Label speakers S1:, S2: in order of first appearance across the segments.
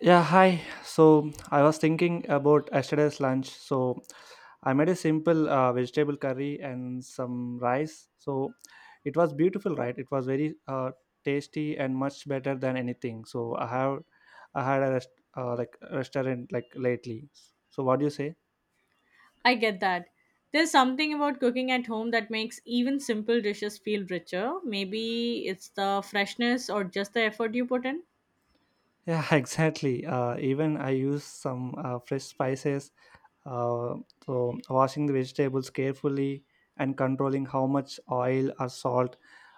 S1: Yeah, hi. So I was thinking about yesterday's lunch. So I made a simple vegetable curry and some rice. So it was beautiful, right? It was very tasty and much better than anything. So I had a rest, like restaurant like lately. So what do you say?
S2: I get that. There's something about cooking at home that makes even simple dishes feel richer. Maybe it's the freshness or just the effort you put in.
S1: Yeah, exactly. Even I use some fresh spices. Uh, so, washing the vegetables carefully and controlling how much oil or salt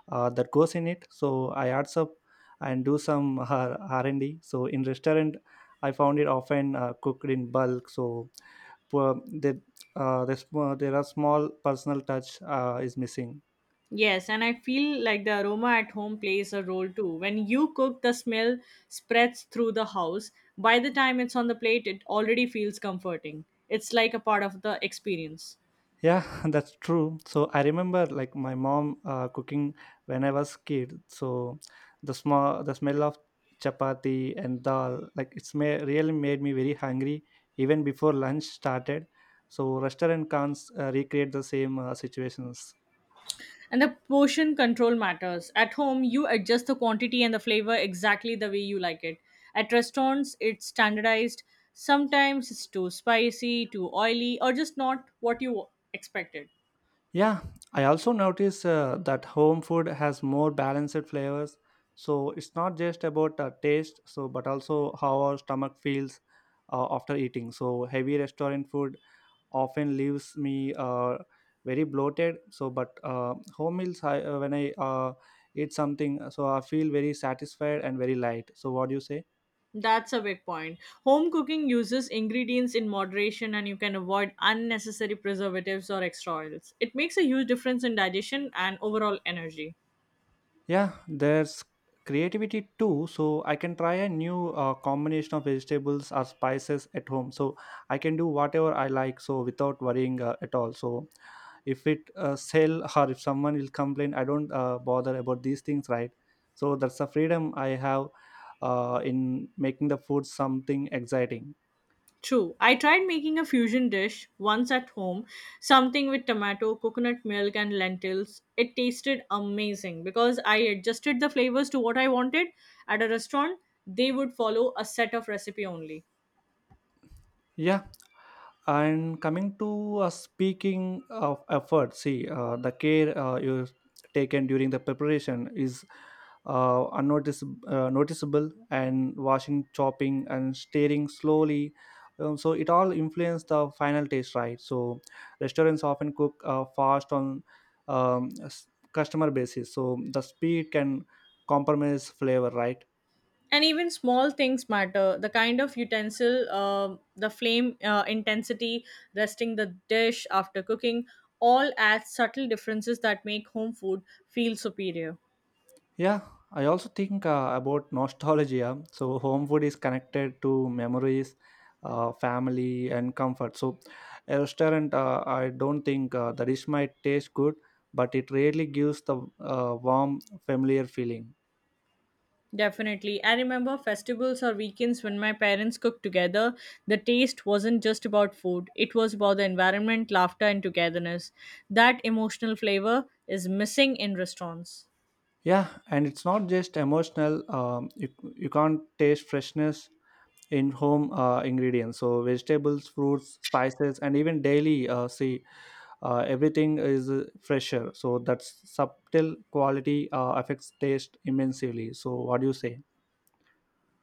S1: that goes in it. So, I add up and do some R&D. So, in restaurant, I found it often cooked in bulk. So, poor, there are small personal touch is missing.
S2: Yes, and I feel like the aroma at home plays a role too. When you cook, the smell spreads through the house. By the time it's on the plate, it already feels comforting. It's like a part of the experience.
S1: Yeah, that's true. So I remember like my mom cooking when I was kid. So the smell of chapati and dal like really made me very hungry even before lunch started. So restaurant can't recreate the same situations.
S2: And the portion control matters. At home, you adjust the quantity and the flavor exactly the way you like it. At restaurants, it's standardized. Sometimes it's too spicy, too oily, or just not what you expected.
S1: Yeah, I also notice that home food has more balanced flavors. So it's not just about taste, so but also how our stomach feels after eating. So heavy restaurant food often leaves me very bloated, so but home meals when I eat something, so I feel very satisfied and very light. So what do you say?
S2: That's a big point. Home cooking uses ingredients in moderation and you can avoid unnecessary preservatives or extra oils. It makes a huge difference in digestion and overall energy.
S1: Yeah, there's creativity too. So I can try a new combination of vegetables or spices at home. So I can do whatever I like. So without worrying at all. So if it sell, or if someone will complain, I don't bother about these things, right? So that's the freedom I have in making the food something exciting.
S2: True. I tried making a fusion dish once at home, something with tomato, coconut milk, and lentils. It tasted amazing because I adjusted the flavors to what I wanted. At a restaurant, they would follow a set of recipe only.
S1: Yeah, and coming to speaking of effort, see the care you taken during the preparation is uh, unnotice, noticeable, and washing, chopping, and stirring slowly, so it all influence the final taste, right? So restaurants often cook fast on um, s- customer basis, so the speed can compromise flavor, right?
S2: And even small things matter. The kind of utensil, the flame intensity, resting the dish after cooking, all add subtle differences that make home food feel superior.
S1: Yeah, I also think about nostalgia. So, home food is connected to memories, family, and comfort. So, a restaurant, I don't think the dish might taste good, but it really gives the warm, familiar feeling.
S2: Definitely. I remember festivals or weekends when my parents cooked together. The taste wasn't just about food, it was about the environment, laughter, and togetherness. That emotional flavor is missing in restaurants.
S1: Yeah, and it's not just emotional. You can't taste freshness in home ingredients. So, vegetables, fruits, spices, and even daily see everything is fresher, so that subtle quality affects taste immensely. So what do you say?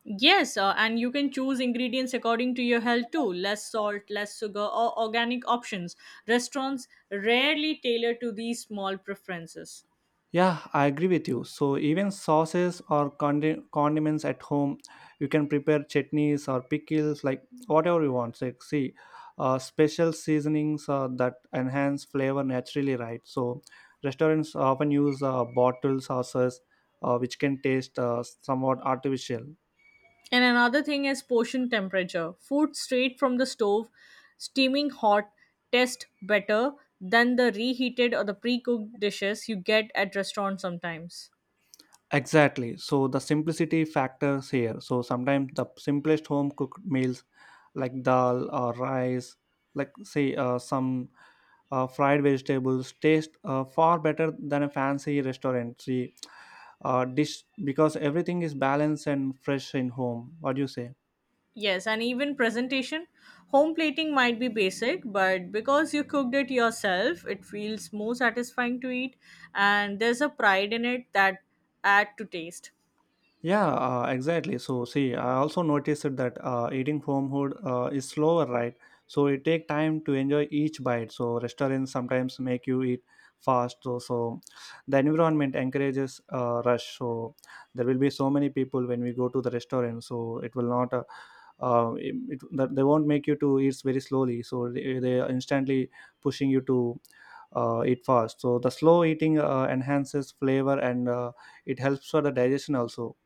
S2: Yes, and you can choose ingredients according to your health too, less salt, less sugar, or organic options. Restaurants rarely tailor to these small preferences.
S1: Yeah, I agree with you. So even sauces or condiments at home, you can prepare chutneys or pickles like whatever you want, like see special seasonings that enhance flavor naturally, right? So restaurants often use bottled sauces which can taste somewhat artificial.
S2: And another thing is portion temperature. Food straight from the stove, steaming hot, tastes better than the reheated or the pre cooked dishes you get at restaurants sometimes.
S1: Exactly. So the simplicity factors here. So sometimes the simplest home cooked meals like dal or rice, like say some fried vegetables, taste far better than a fancy restaurant, see, dish, because everything is balanced and fresh in home. What do you say?
S2: Yes, and even presentation. Home plating might be basic, but because you cooked it yourself, it feels more satisfying to eat, and there's a pride in it that add to taste.
S1: Yeah, exactly. So see, I also noticed that eating homehood is slower, right? So it take time to enjoy each bite. So restaurants sometimes make you eat fast. So the environment encourages rush. So there will be so many people when we go to the restaurant. So it will not. That they won't make you to eat very slowly. So they are instantly pushing you to eat fast. So the slow eating enhances flavor, and it helps for the digestion also.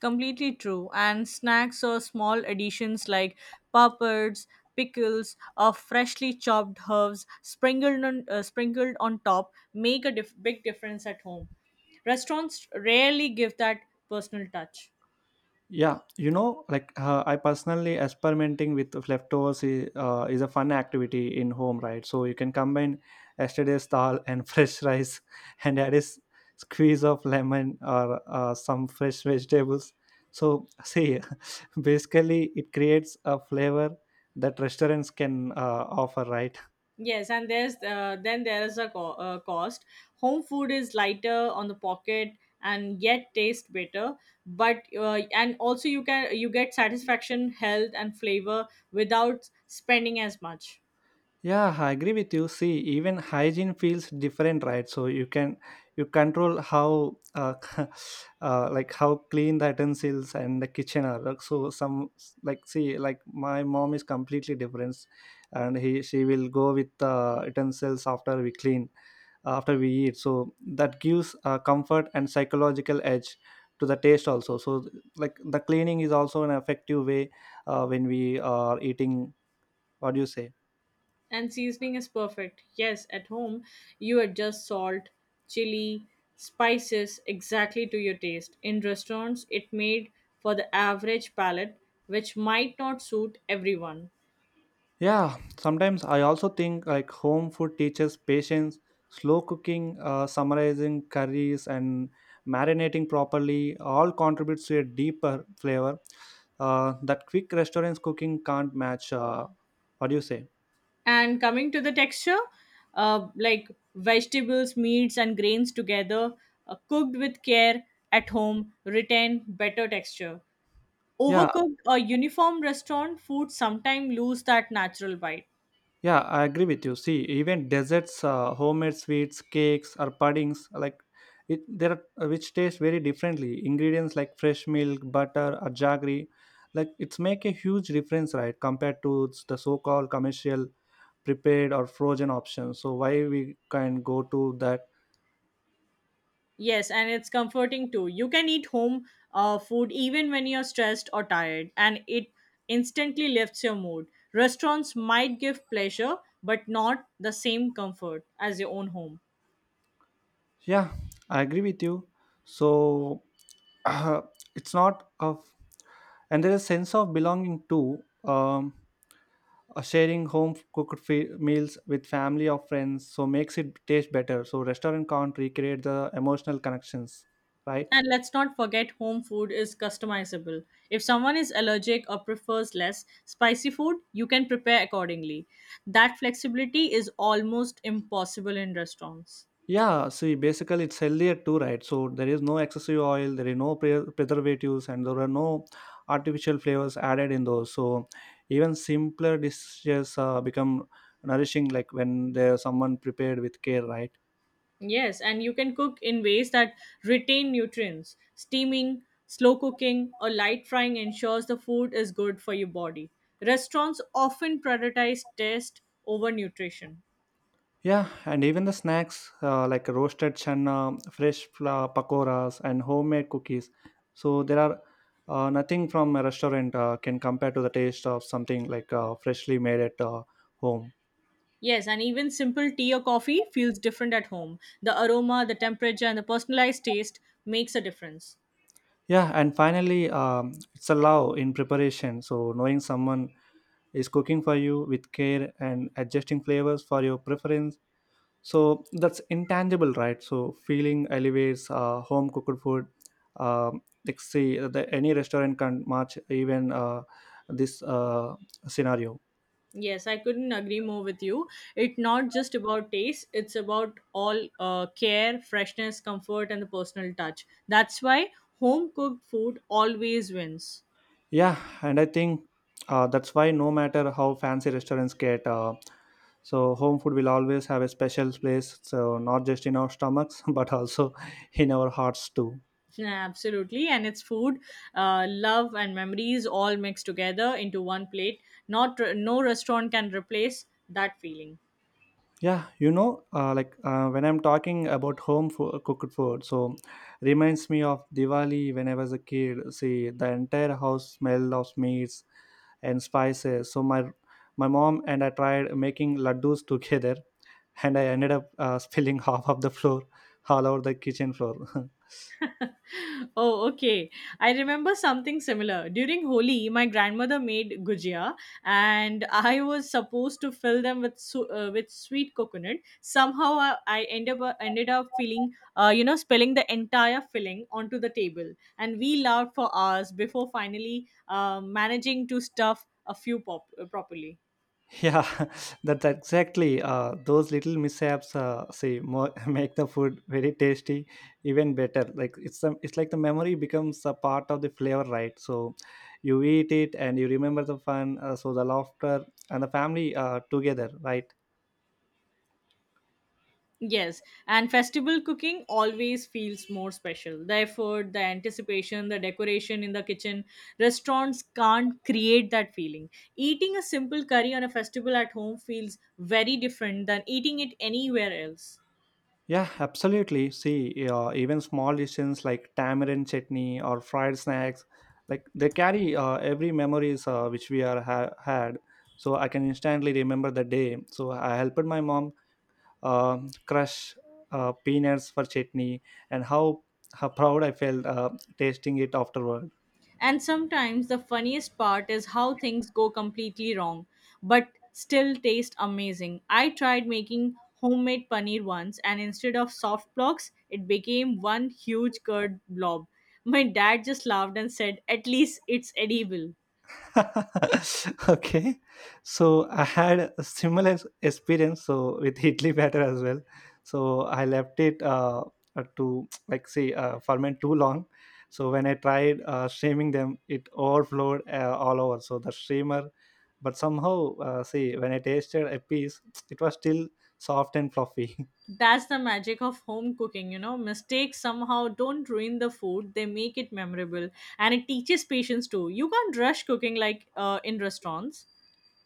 S2: Completely true. And snacks or small additions like puppets, pickles, or freshly chopped herbs sprinkled on top make a big difference at home. Restaurants rarely give that personal touch.
S1: Yeah, you know, like I personally experimenting with leftovers is a fun activity in home, right? So you can combine yesterday's dal and fresh rice, and add squeeze of lemon or some fresh vegetables. So see, basically, it creates a flavor that restaurants can offer, right?
S2: Yes, and there's then there is a cost. Home food is lighter on the pocket and yet taste better. But and also, you get satisfaction, health, and flavor without spending as much.
S1: Yeah, I agree with you. See, even hygiene feels different, right? So you control how like how clean the utensils and the kitchen are. Like, so some like see like my mom is completely different, and he she will go with utensils after we clean after we eat. So that gives comfort and psychological edge to the taste also. So like the cleaning is also an effective way when we are eating. What do you say?
S2: And seasoning is perfect. Yes, at home, you adjust salt, chili, spices exactly to your taste. In restaurants, it made for the average palate, which might not suit everyone.
S1: Yeah, sometimes I also think like home food teaches patience, slow cooking, summarizing curries, and marinating properly all contributes to a deeper flavor that quick restaurants cooking can't match. What do you say?
S2: And coming to the texture, like vegetables, meats, and grains together, cooked with care at home, retain better texture.
S1: Yeah,
S2: Overcooked or uniform restaurant food sometimes lose that natural bite.
S1: Yeah, I agree with you. See, even desserts, homemade sweets, cakes, or puddings, there are which taste very differently. Ingredients like fresh milk, butter, or jaggery, like it's make a huge difference, right? Compared to the so-called commercial prepared or frozen options. So why we can go to that?
S2: Yes, and it's comforting too. You can eat home food even when you're stressed or tired, and it instantly lifts your mood. Restaurants might give pleasure, but not the same comfort as your own home.
S1: Yeah, I agree with you. So it's not of, and there is sense of belonging too. Um, Sharing home cooked meals with family or friends, so makes it taste better. So restaurant can't recreate the emotional connections, right?
S2: And let's not forget, home food is customizable. If someone is allergic or prefers less spicy food, you can prepare accordingly. That flexibility is almost impossible in restaurants.
S1: Yeah, see basically it's healthier too, right? So there is no excessive oil, there is no preservatives, and there are no artificial flavors added in those. So even simpler dishes become nourishing, like when there's someone prepared with care, right?
S2: Yes, and you can cook in ways that retain nutrients. Steaming, slow cooking, or light frying ensures the food is good for your body. Restaurants often prioritize taste over nutrition.
S1: Yeah, and even the snacks like roasted chana, fresh pakoras, and homemade cookies. So there are nothing from a restaurant can compare to the taste of something like freshly made at home.
S2: Yes, and even simple tea or coffee feels different at home. The aroma, the temperature, and the personalized taste makes a difference.
S1: Yeah, and finally, it's a love in preparation. So knowing someone is cooking for you with care and adjusting flavors for your preference, so that's intangible, right? So feeling elevates home cooked food. Like see the, any restaurant can match even this scenario.
S2: Yes, I couldn't agree more with you. It's not just about taste, it's about all care, freshness, comfort, and the personal touch. That's why home cooked food always wins.
S1: Yeah, and I think that's why no matter how fancy restaurants get, so home food will always have a special place, so not just in our stomachs but also in our hearts too.
S2: Yeah, absolutely. And it's food, love, and memories all mixed together into one plate. Not no restaurant can replace that feeling.
S1: Yeah, you know, when I'm talking about home cooked food, so reminds me of Diwali when I was a kid. See, the entire house smell of meats and spices. So my mom and I tried making laddus together, and I ended up spilling half of the floor all over the kitchen floor.
S2: Oh, okay. I remember something similar. During Holi, my grandmother made gujia, and I was supposed to fill them with with sweet coconut. Somehow, I ended up feeling, spilling the entire filling onto the table, and we laughed for hours before finally managing to stuff a few properly.
S1: Yeah, that's exactly. Those little mishaps, say, more, make the food very tasty, even better. Like it's some, it's like the memory becomes a part of the flavor, right? So, you eat it and you remember the fun, so the laughter and the family together, right?
S2: Yes, and festival cooking always feels more special. The effort, the anticipation, the decoration in the kitchen. Restaurants can't create that feeling. Eating a simple curry on a festival at home feels very different than eating it anywhere else.
S1: Yeah, absolutely. See, even small decisions like tamarind chutney or fried snacks, like they carry every memories which we are had. So I can instantly remember the day. So I helped my mom crush peanuts for chutney, and how proud I felt tasting it afterward.
S2: And sometimes the funniest part is how things go completely wrong, but still taste amazing. I tried making homemade paneer once, and instead of soft blocks, it became one huge curd blob. My dad just laughed and said, "At least it's edible."
S1: Okay, so I had a similar experience so with idli batter as well. So I left it to like say ferment too long. So when I tried streaming them, it overflowed all over. So the streamer, but somehow see when I tasted a piece, it was still soft and fluffy.
S2: That's the magic of home cooking, you know. Mistakes somehow don't ruin the food, they make it memorable. And it teaches patience too. You can't rush cooking like in restaurants.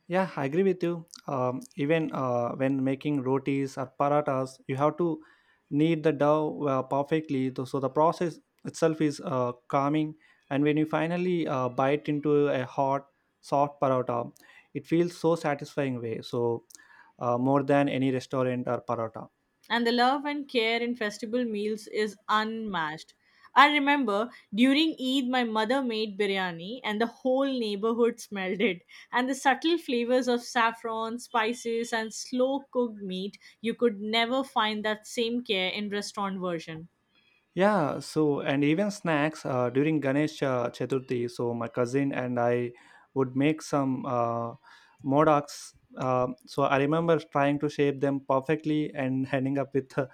S1: Yeah, I agree with you. Even when making rotis or paratas, you have to knead the dough perfectly. So the process itself is calming. And when you finally bite into a hot, soft parata, it feels so satisfying way. So more than any restaurant or parata.
S2: And the love and care in festival meals is unmatched. I remember during Eid, my mother made biryani, and the whole neighborhood smelled it. And the subtle flavors of saffron, spices, and slow cooked meat, you could never find that same care in restaurant version.
S1: Yeah, so and even snacks during Ganesh Chaturthi. So my cousin and I would make some modaks. So I remember trying to shape them perfectly and ending up with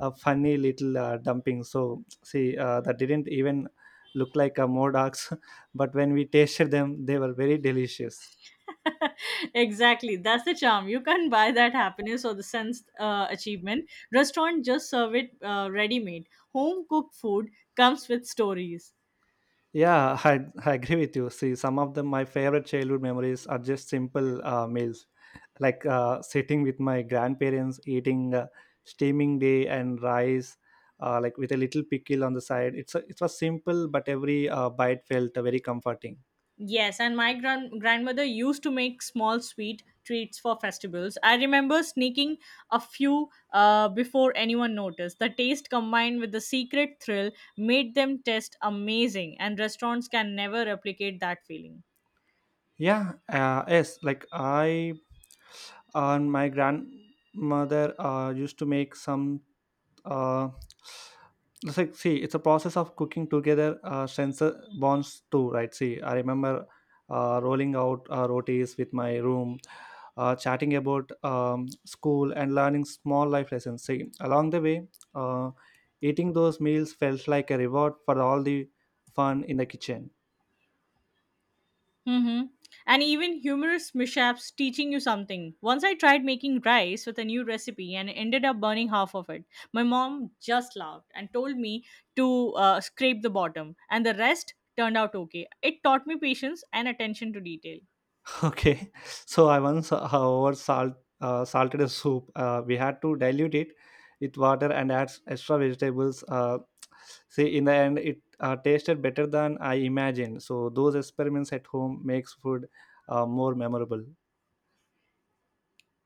S1: a funny little dumping. So see, that didn't even look like a modaks, but when we tasted them, they were very delicious.
S2: Exactly, that's the charm. You can't buy that happiness or the sense achievement. Restaurant just serve it ready made. Home cooked food comes with stories.
S1: Yeah, I agree with you. See, some of them, my favorite childhood memories are just simple meals, like sitting with my grandparents, eating steaming day and rice, like with a little pickle on the side. It was simple, but every bite felt very comforting.
S2: Yes, and my grandmother used to make small sweet treats for festivals. I remember sneaking a few before anyone noticed. The taste combined with the secret thrill made them taste amazing, and restaurants can never replicate that feeling.
S1: Yeah, like I and my grandmother used to make some uh, it's like, see, it's a process of cooking together, strengths bonds too, right? See, I remember rolling out rotis with my room, chatting about school and learning small life lessons, see, along the way, uh, eating those meals felt like a reward for all the fun in the kitchen.
S2: Mm-hmm. And even humorous mishaps teaching you something. Once I tried making rice with a new recipe and ended up burning half of it. My mom just laughed and told me to scrape the bottom, and the rest turned out okay. It taught me patience and attention to detail.
S1: Okay. So I once over salt salted a soup. We had to dilute it with water and add extra vegetables. See, in the end, it tasted better than I imagined. So those experiments at home makes food more memorable.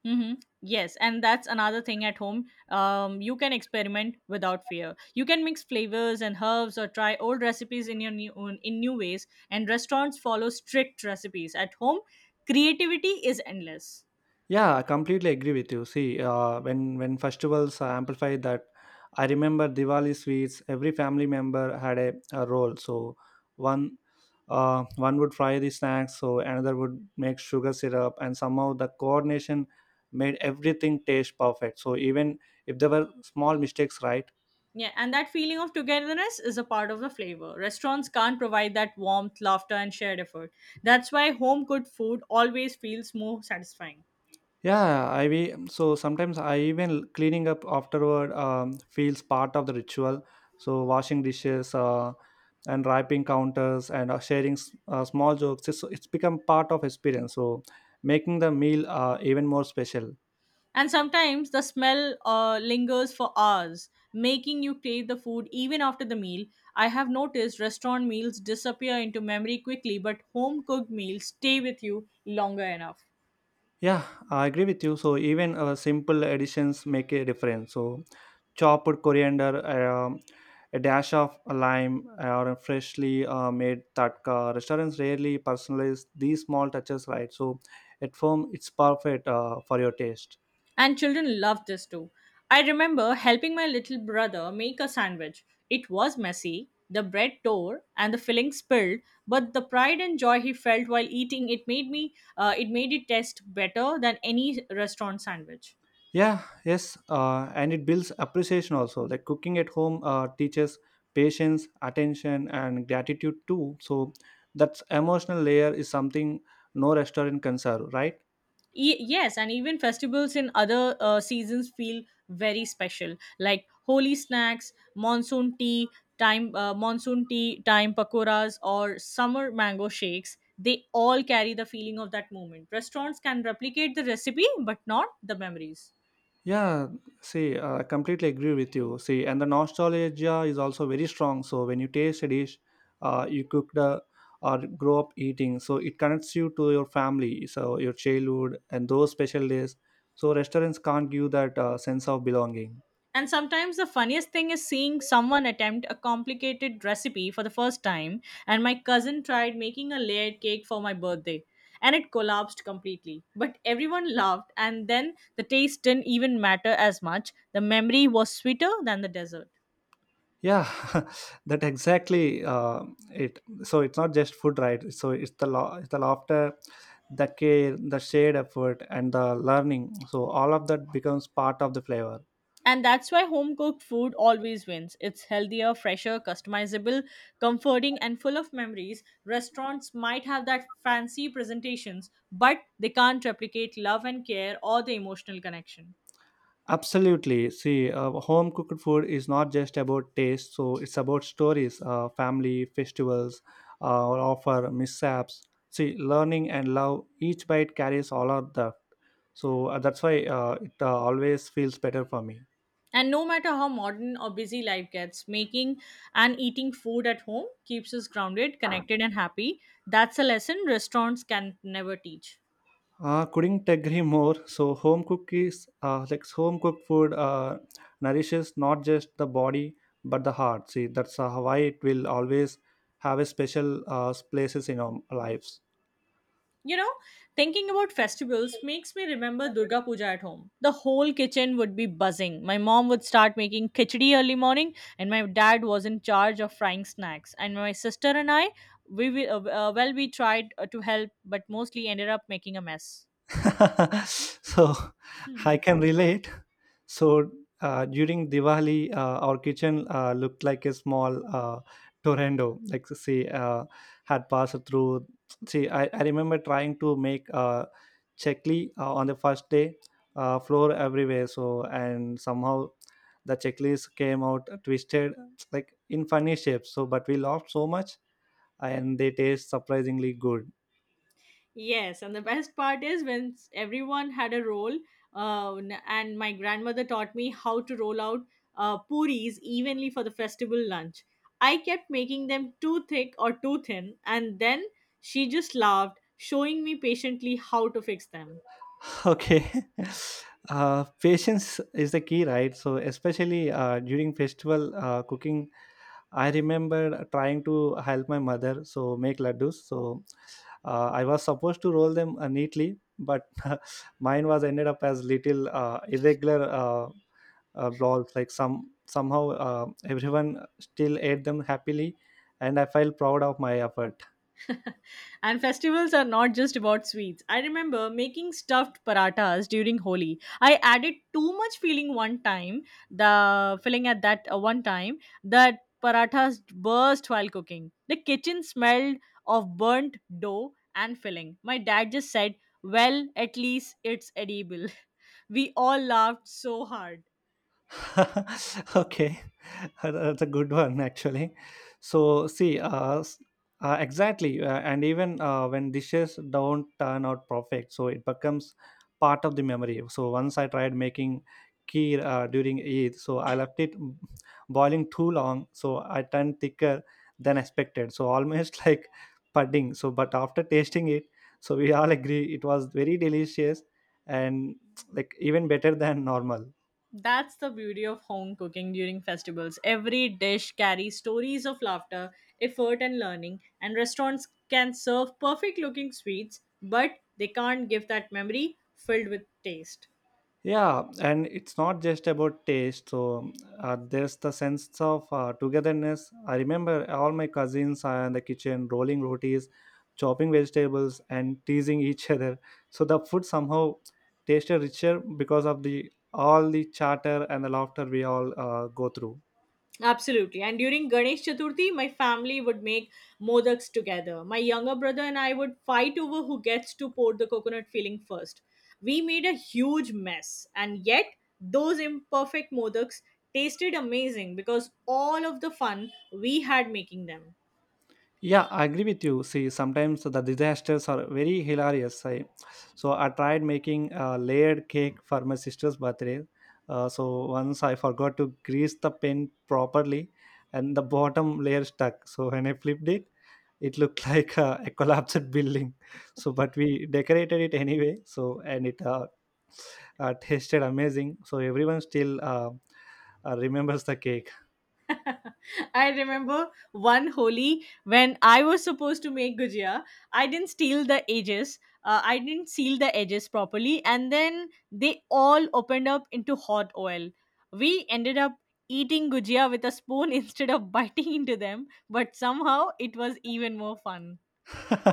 S2: Mm-hmm. Yes, and that's another thing at home. You can experiment without fear. You can mix flavors and herbs, or try old recipes in new ways. And restaurants follow strict recipes. At home, creativity is endless.
S1: Yeah, I completely agree with you. See, uh, when festivals amplify that, I remember Diwali sweets. Every family member had a role. So one one would fry the snacks, so another would make sugar syrup, and somehow the coordination made everything taste perfect. So even if there were small mistakes, right?
S2: Yeah, and that feeling of togetherness is a part of the flavor. Restaurants can't provide that warmth, laughter, and shared effort. That's why home cooked food always feels more satisfying.
S1: Yeah, I be, so sometimes I even cleaning up afterward feels part of the ritual. So washing dishes and wiping counters and small jokes, it's become part of experience. So making the meal even more special.
S2: And sometimes the smell lingers for hours, making you crave the food even after the meal. I have noticed restaurant meals disappear into memory quickly, but home cooked meals stay with you longer enough.
S1: Yeah, I agree with you. So even simple additions make a difference. So chopped coriander, a dash of lime, or a freshly made tatka. Restaurants rarely personalize these small touches, right? So at home, it's perfect for your taste.
S2: And children love this too. I remember helping my little brother make a sandwich. It was messy, the bread tore, and the filling spilled, but the pride and joy he felt while eating it made it taste better than any restaurant sandwich.
S1: Yeah, yes, and it builds appreciation also. Like cooking at home teaches patience, attention, and gratitude too. So that's emotional layer is something no restaurant can serve, right?
S2: Yes, and even festivals in other seasons feel very special, like holy snacks, monsoon tea time pakoras or summer mango shakes. They all carry the feeling of that moment. Restaurants can replicate the recipe but not the memories.
S1: Yeah, see, I completely agree with you. See, and the nostalgia is also very strong. So when you taste a dish, you cooked or grow up eating, so it connects you to your family, so your childhood and those special days. So restaurants can't give that sense of belonging.
S2: And sometimes the funniest thing is seeing someone attempt a complicated recipe for the first time. And my cousin tried making a layered cake for my birthday and it collapsed completely. But everyone laughed, and then the taste didn't even matter as much. The memory was sweeter than the dessert.
S1: Yeah, that exactly it. So it's not just food, right? So it's the laughter, the care, the shared effort, and the learning. So all of that becomes part of the flavor.
S2: And that's why home cooked food always wins. It's healthier, fresher, customizable, comforting, and full of memories. Restaurants might have that fancy presentations, but they can't replicate love and care or the emotional connection.
S1: Absolutely. See, home cooked food is not just about taste, so it's about stories, family, festivals, or offer, mishaps. See, learning and love, each bite carries all of that. So that's why it always feels better for me.
S2: And no matter how modern or busy life gets, making and eating food at home keeps us grounded, connected, and happy. That's a lesson restaurants can never teach.
S1: Couldn't agree more. So home cookies, like home cooked food, nourishes not just the body but the heart. See, that's why it will always have a special places in our lives.
S2: You know, thinking about festivals makes me remember Durga Puja at home. The whole kitchen would be buzzing. My mom would start making khichdi early morning, and my dad was in charge of frying snacks. And my sister and I, we tried to help, but mostly ended up making a mess.
S1: So I
S2: Hmm.
S1: can relate. So during Diwali, our kitchen looked like a small tornado. Like say, had passed through. See, I remember trying to make chekli on the first day, floor everywhere. So and somehow the checklist came out twisted, like in funny shapes. So but we laughed so much, and they taste surprisingly good.
S2: Yes, and the best part is when everyone had a roll, and my grandmother taught me how to roll out puris evenly for the festival lunch. I kept making them too thick or too thin, and then she just laughed, showing me patiently how to fix them.
S1: Okay. Patience is the key, right? So, especially during festival cooking, I remember trying to help my mother so make laddus. So, I was supposed to roll them neatly, but mine was ended up as little irregular balls. Like somehow everyone still ate them happily, and I felt proud of my effort.
S2: And festivals are not just about sweets. I remember making stuffed paratas during Holi. I added too much filling one time, the filling at that one time, that parathas burst while cooking. The kitchen smelled of burnt dough and filling. My dad just said, "Well, at least it's edible." We all laughed so hard.
S1: Okay, that's a good one actually. So see, exactly, and even when dishes don't turn out perfect, so it becomes part of the memory. So once I tried making kheer during Eid, so I left it m- boiling too long, so I turned thicker than expected. So almost like pudding. So but after tasting it, so we all agree it was very delicious and like even better than normal.
S2: That's the beauty of home cooking during festivals. Every dish carries stories of laughter, effort, and learning, and restaurants can serve perfect looking sweets, but they can't give that memory filled with taste.
S1: Yeah, and it's not just about taste. So there's the sense of togetherness. I remember all my cousins are in the kitchen rolling rotis, chopping vegetables, and teasing each other. So the food somehow tasted richer because of the all the chatter and the laughter we all go through.
S2: Absolutely. And during Ganesh Chaturthi, my family would make modaks together. My younger brother and I would fight over who gets to pour the coconut filling first. We made a huge mess, and yet those imperfect modaks tasted amazing because all of the fun we had making them.
S1: Yeah, I agree with you. See, sometimes the disasters are very hilarious. So I tried making a layered cake for my sister's birthday. So once I forgot to grease the pen properly, and the bottom layer stuck. So when I flipped it, it looked like a collapsed building. So but we decorated it anyway. So and it tasted amazing. So everyone still remembers the cake.
S2: I remember one Holi when I was supposed to make gujia. I didn't steal the edges. I didn't seal the edges properly, and then they all opened up into hot oil. We ended up eating gujia with a spoon instead of biting into them, but somehow it was even more fun.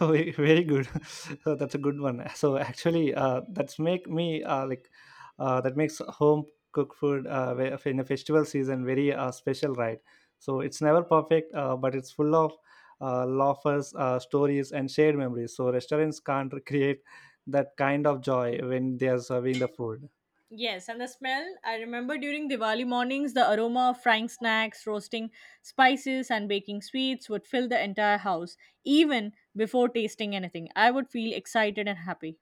S1: Very good. So that's a good one. So actually, that makes home cooked food in the festival season very special, right? So it's never perfect, but it's full of laughers, stories and shared memories. So restaurants can't create that kind of joy when they are serving the food.
S2: Yes, and the smell. I remember during Diwali mornings, the aroma of frying snacks, roasting spices, and baking sweets would fill the entire house. Even before tasting anything, I would feel excited and happy.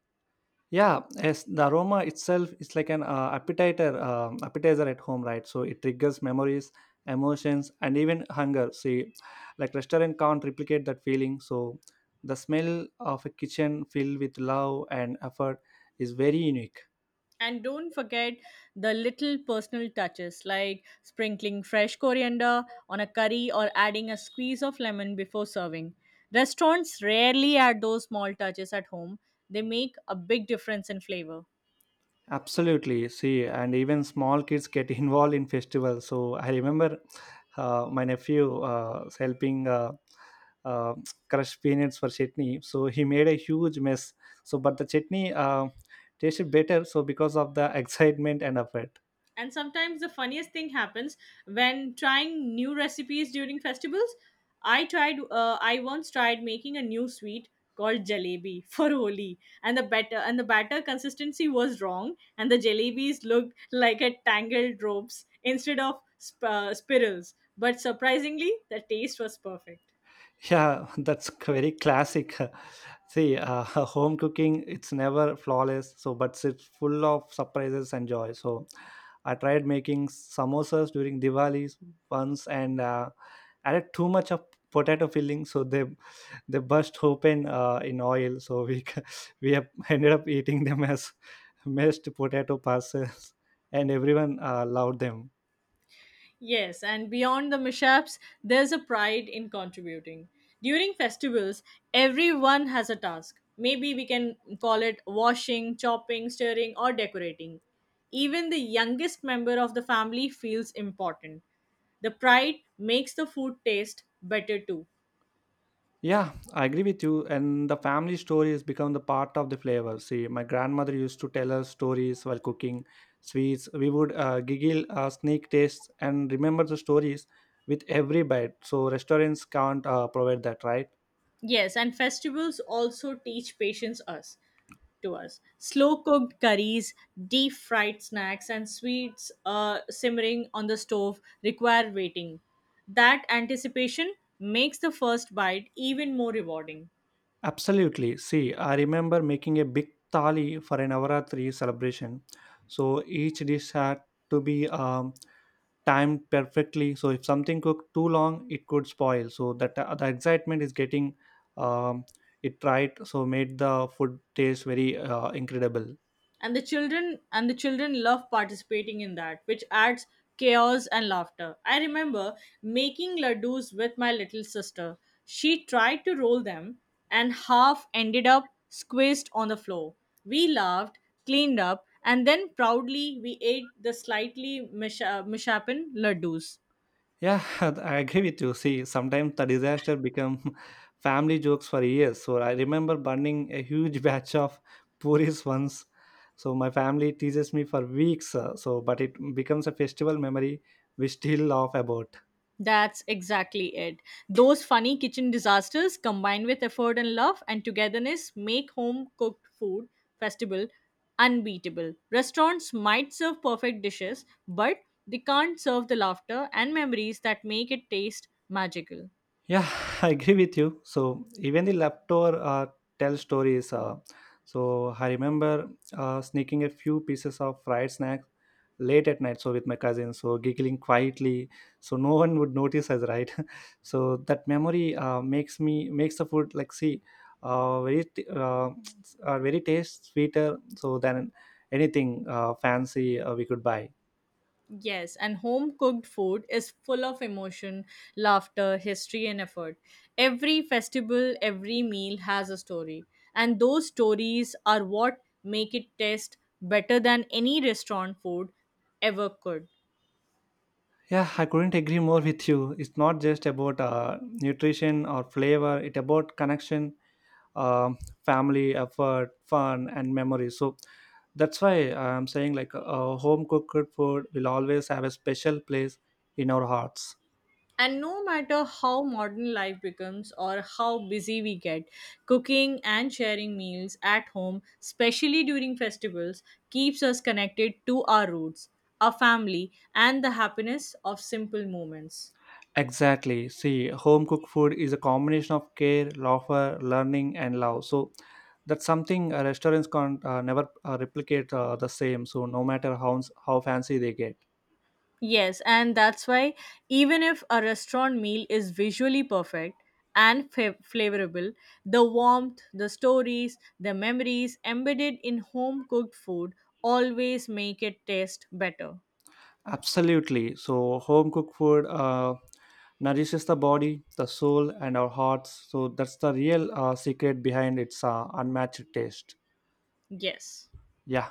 S1: Yeah, yes, the aroma itself is like an appetizer at home, right? So it triggers memories, emotions, and even hunger. See, like restaurant can't replicate that feeling. So the smell of a kitchen filled with love and effort is very unique.
S2: And don't forget the little personal touches like sprinkling fresh coriander on a curry or adding a squeeze of lemon before serving. Restaurants rarely add those small touches at home, they make a big difference in flavor.
S1: Absolutely. See, and even small kids get involved in festivals. So I remember my nephew was helping uh, crush peanuts for chutney. So he made a huge mess. So, but the chutney tasted better. So because of the excitement and effort.
S2: And sometimes the funniest thing happens when trying new recipes during festivals. I once tried making a new sweet called jalebi for Holi, and the batter consistency was wrong, and the jalebis looked like a tangled ropes instead of spirals. But surprisingly, the taste was perfect.
S1: Yeah, very classic. See, home cooking it's never flawless, so but it's full of surprises and joy. So, I tried making samosas during Diwali once and added too much of potato filling, so they burst open in oil. So we have ended up eating them as mashed potato parcels, and everyone loved them.
S2: Yes, and beyond the mishaps, there's a pride in contributing. During festivals, everyone has a task. Maybe we can call it washing, chopping, stirring, or decorating. Even the youngest member of the family feels important. The pride makes the food taste better too.
S1: Yeah, I agree with you. And the family story has become the part of the flavor. See, my grandmother used to tell us stories while cooking sweets. We would giggle, sneak tastes, and remember the stories with every bite. So restaurants can't provide that, right?
S2: Yes, and festivals also teach patience us to us. Slow cooked curries, deep fried snacks, and sweets simmering on the stove require waiting. That anticipation makes the first bite even more rewarding.
S1: Absolutely. See, I remember making a big thali for an Navaratri celebration. So each dish had to be timed perfectly, so if something cooked too long it could spoil, so that the excitement is getting um, it right, so made the food taste very incredible.
S2: And the children love participating in that, which adds chaos and laughter. I remember making ladoos with my little sister. She tried to roll them and half ended up squished on the floor. We laughed, cleaned up, and then proudly we ate the slightly mish- uh, ladoos.
S1: Yeah, I agree with you. See, sometimes the disaster become family jokes for years. So I remember burning a huge batch of puris once, so my family teases me for weeks, so but it becomes a festival memory we still laugh about.
S2: That's exactly it. Those funny kitchen disasters combined with effort and love and togetherness make home cooked food festival unbeatable. Restaurants might serve perfect dishes, but they can't serve the laughter and memories that make it taste magical.
S1: Yeah, I agree with you. So even the leftover tell stories. So I remember sneaking a few pieces of fried snacks late at night. So with my cousins, so giggling quietly, so no one would notice us, right? So that memory makes the food like, see, uh, very t- uh, very taste sweeter so than anything fancy we could buy.
S2: Yes, and home cooked food is full of emotion, laughter, history, and effort. Every festival, every meal has a story, and those stories are what make it taste better than any restaurant food ever could.
S1: Yeah, I couldn't agree more with you. It's not just about nutrition or flavor. It's about connection, um, family, effort, fun, and memory. So that's why I'm saying, like, home cooked food will always have a special place in our hearts.
S2: And no matter how modern life becomes or how busy we get, cooking and sharing meals at home, especially during festivals, keeps us connected to our roots, our family, and the happiness of simple moments.
S1: Exactly. See, home cooked food is a combination of care, laughter, learning, and love. So that's something restaurants can't never replicate the same. So no matter how fancy they get.
S2: Yes, and that's why even if a restaurant meal is visually perfect and flavorable, the warmth, the stories, the memories embedded in home cooked food always make it taste better.
S1: Absolutely. So, home cooked food nourishes the body, the soul, and our hearts. So, that's the real secret behind its unmatched taste.
S2: Yes.
S1: Yeah.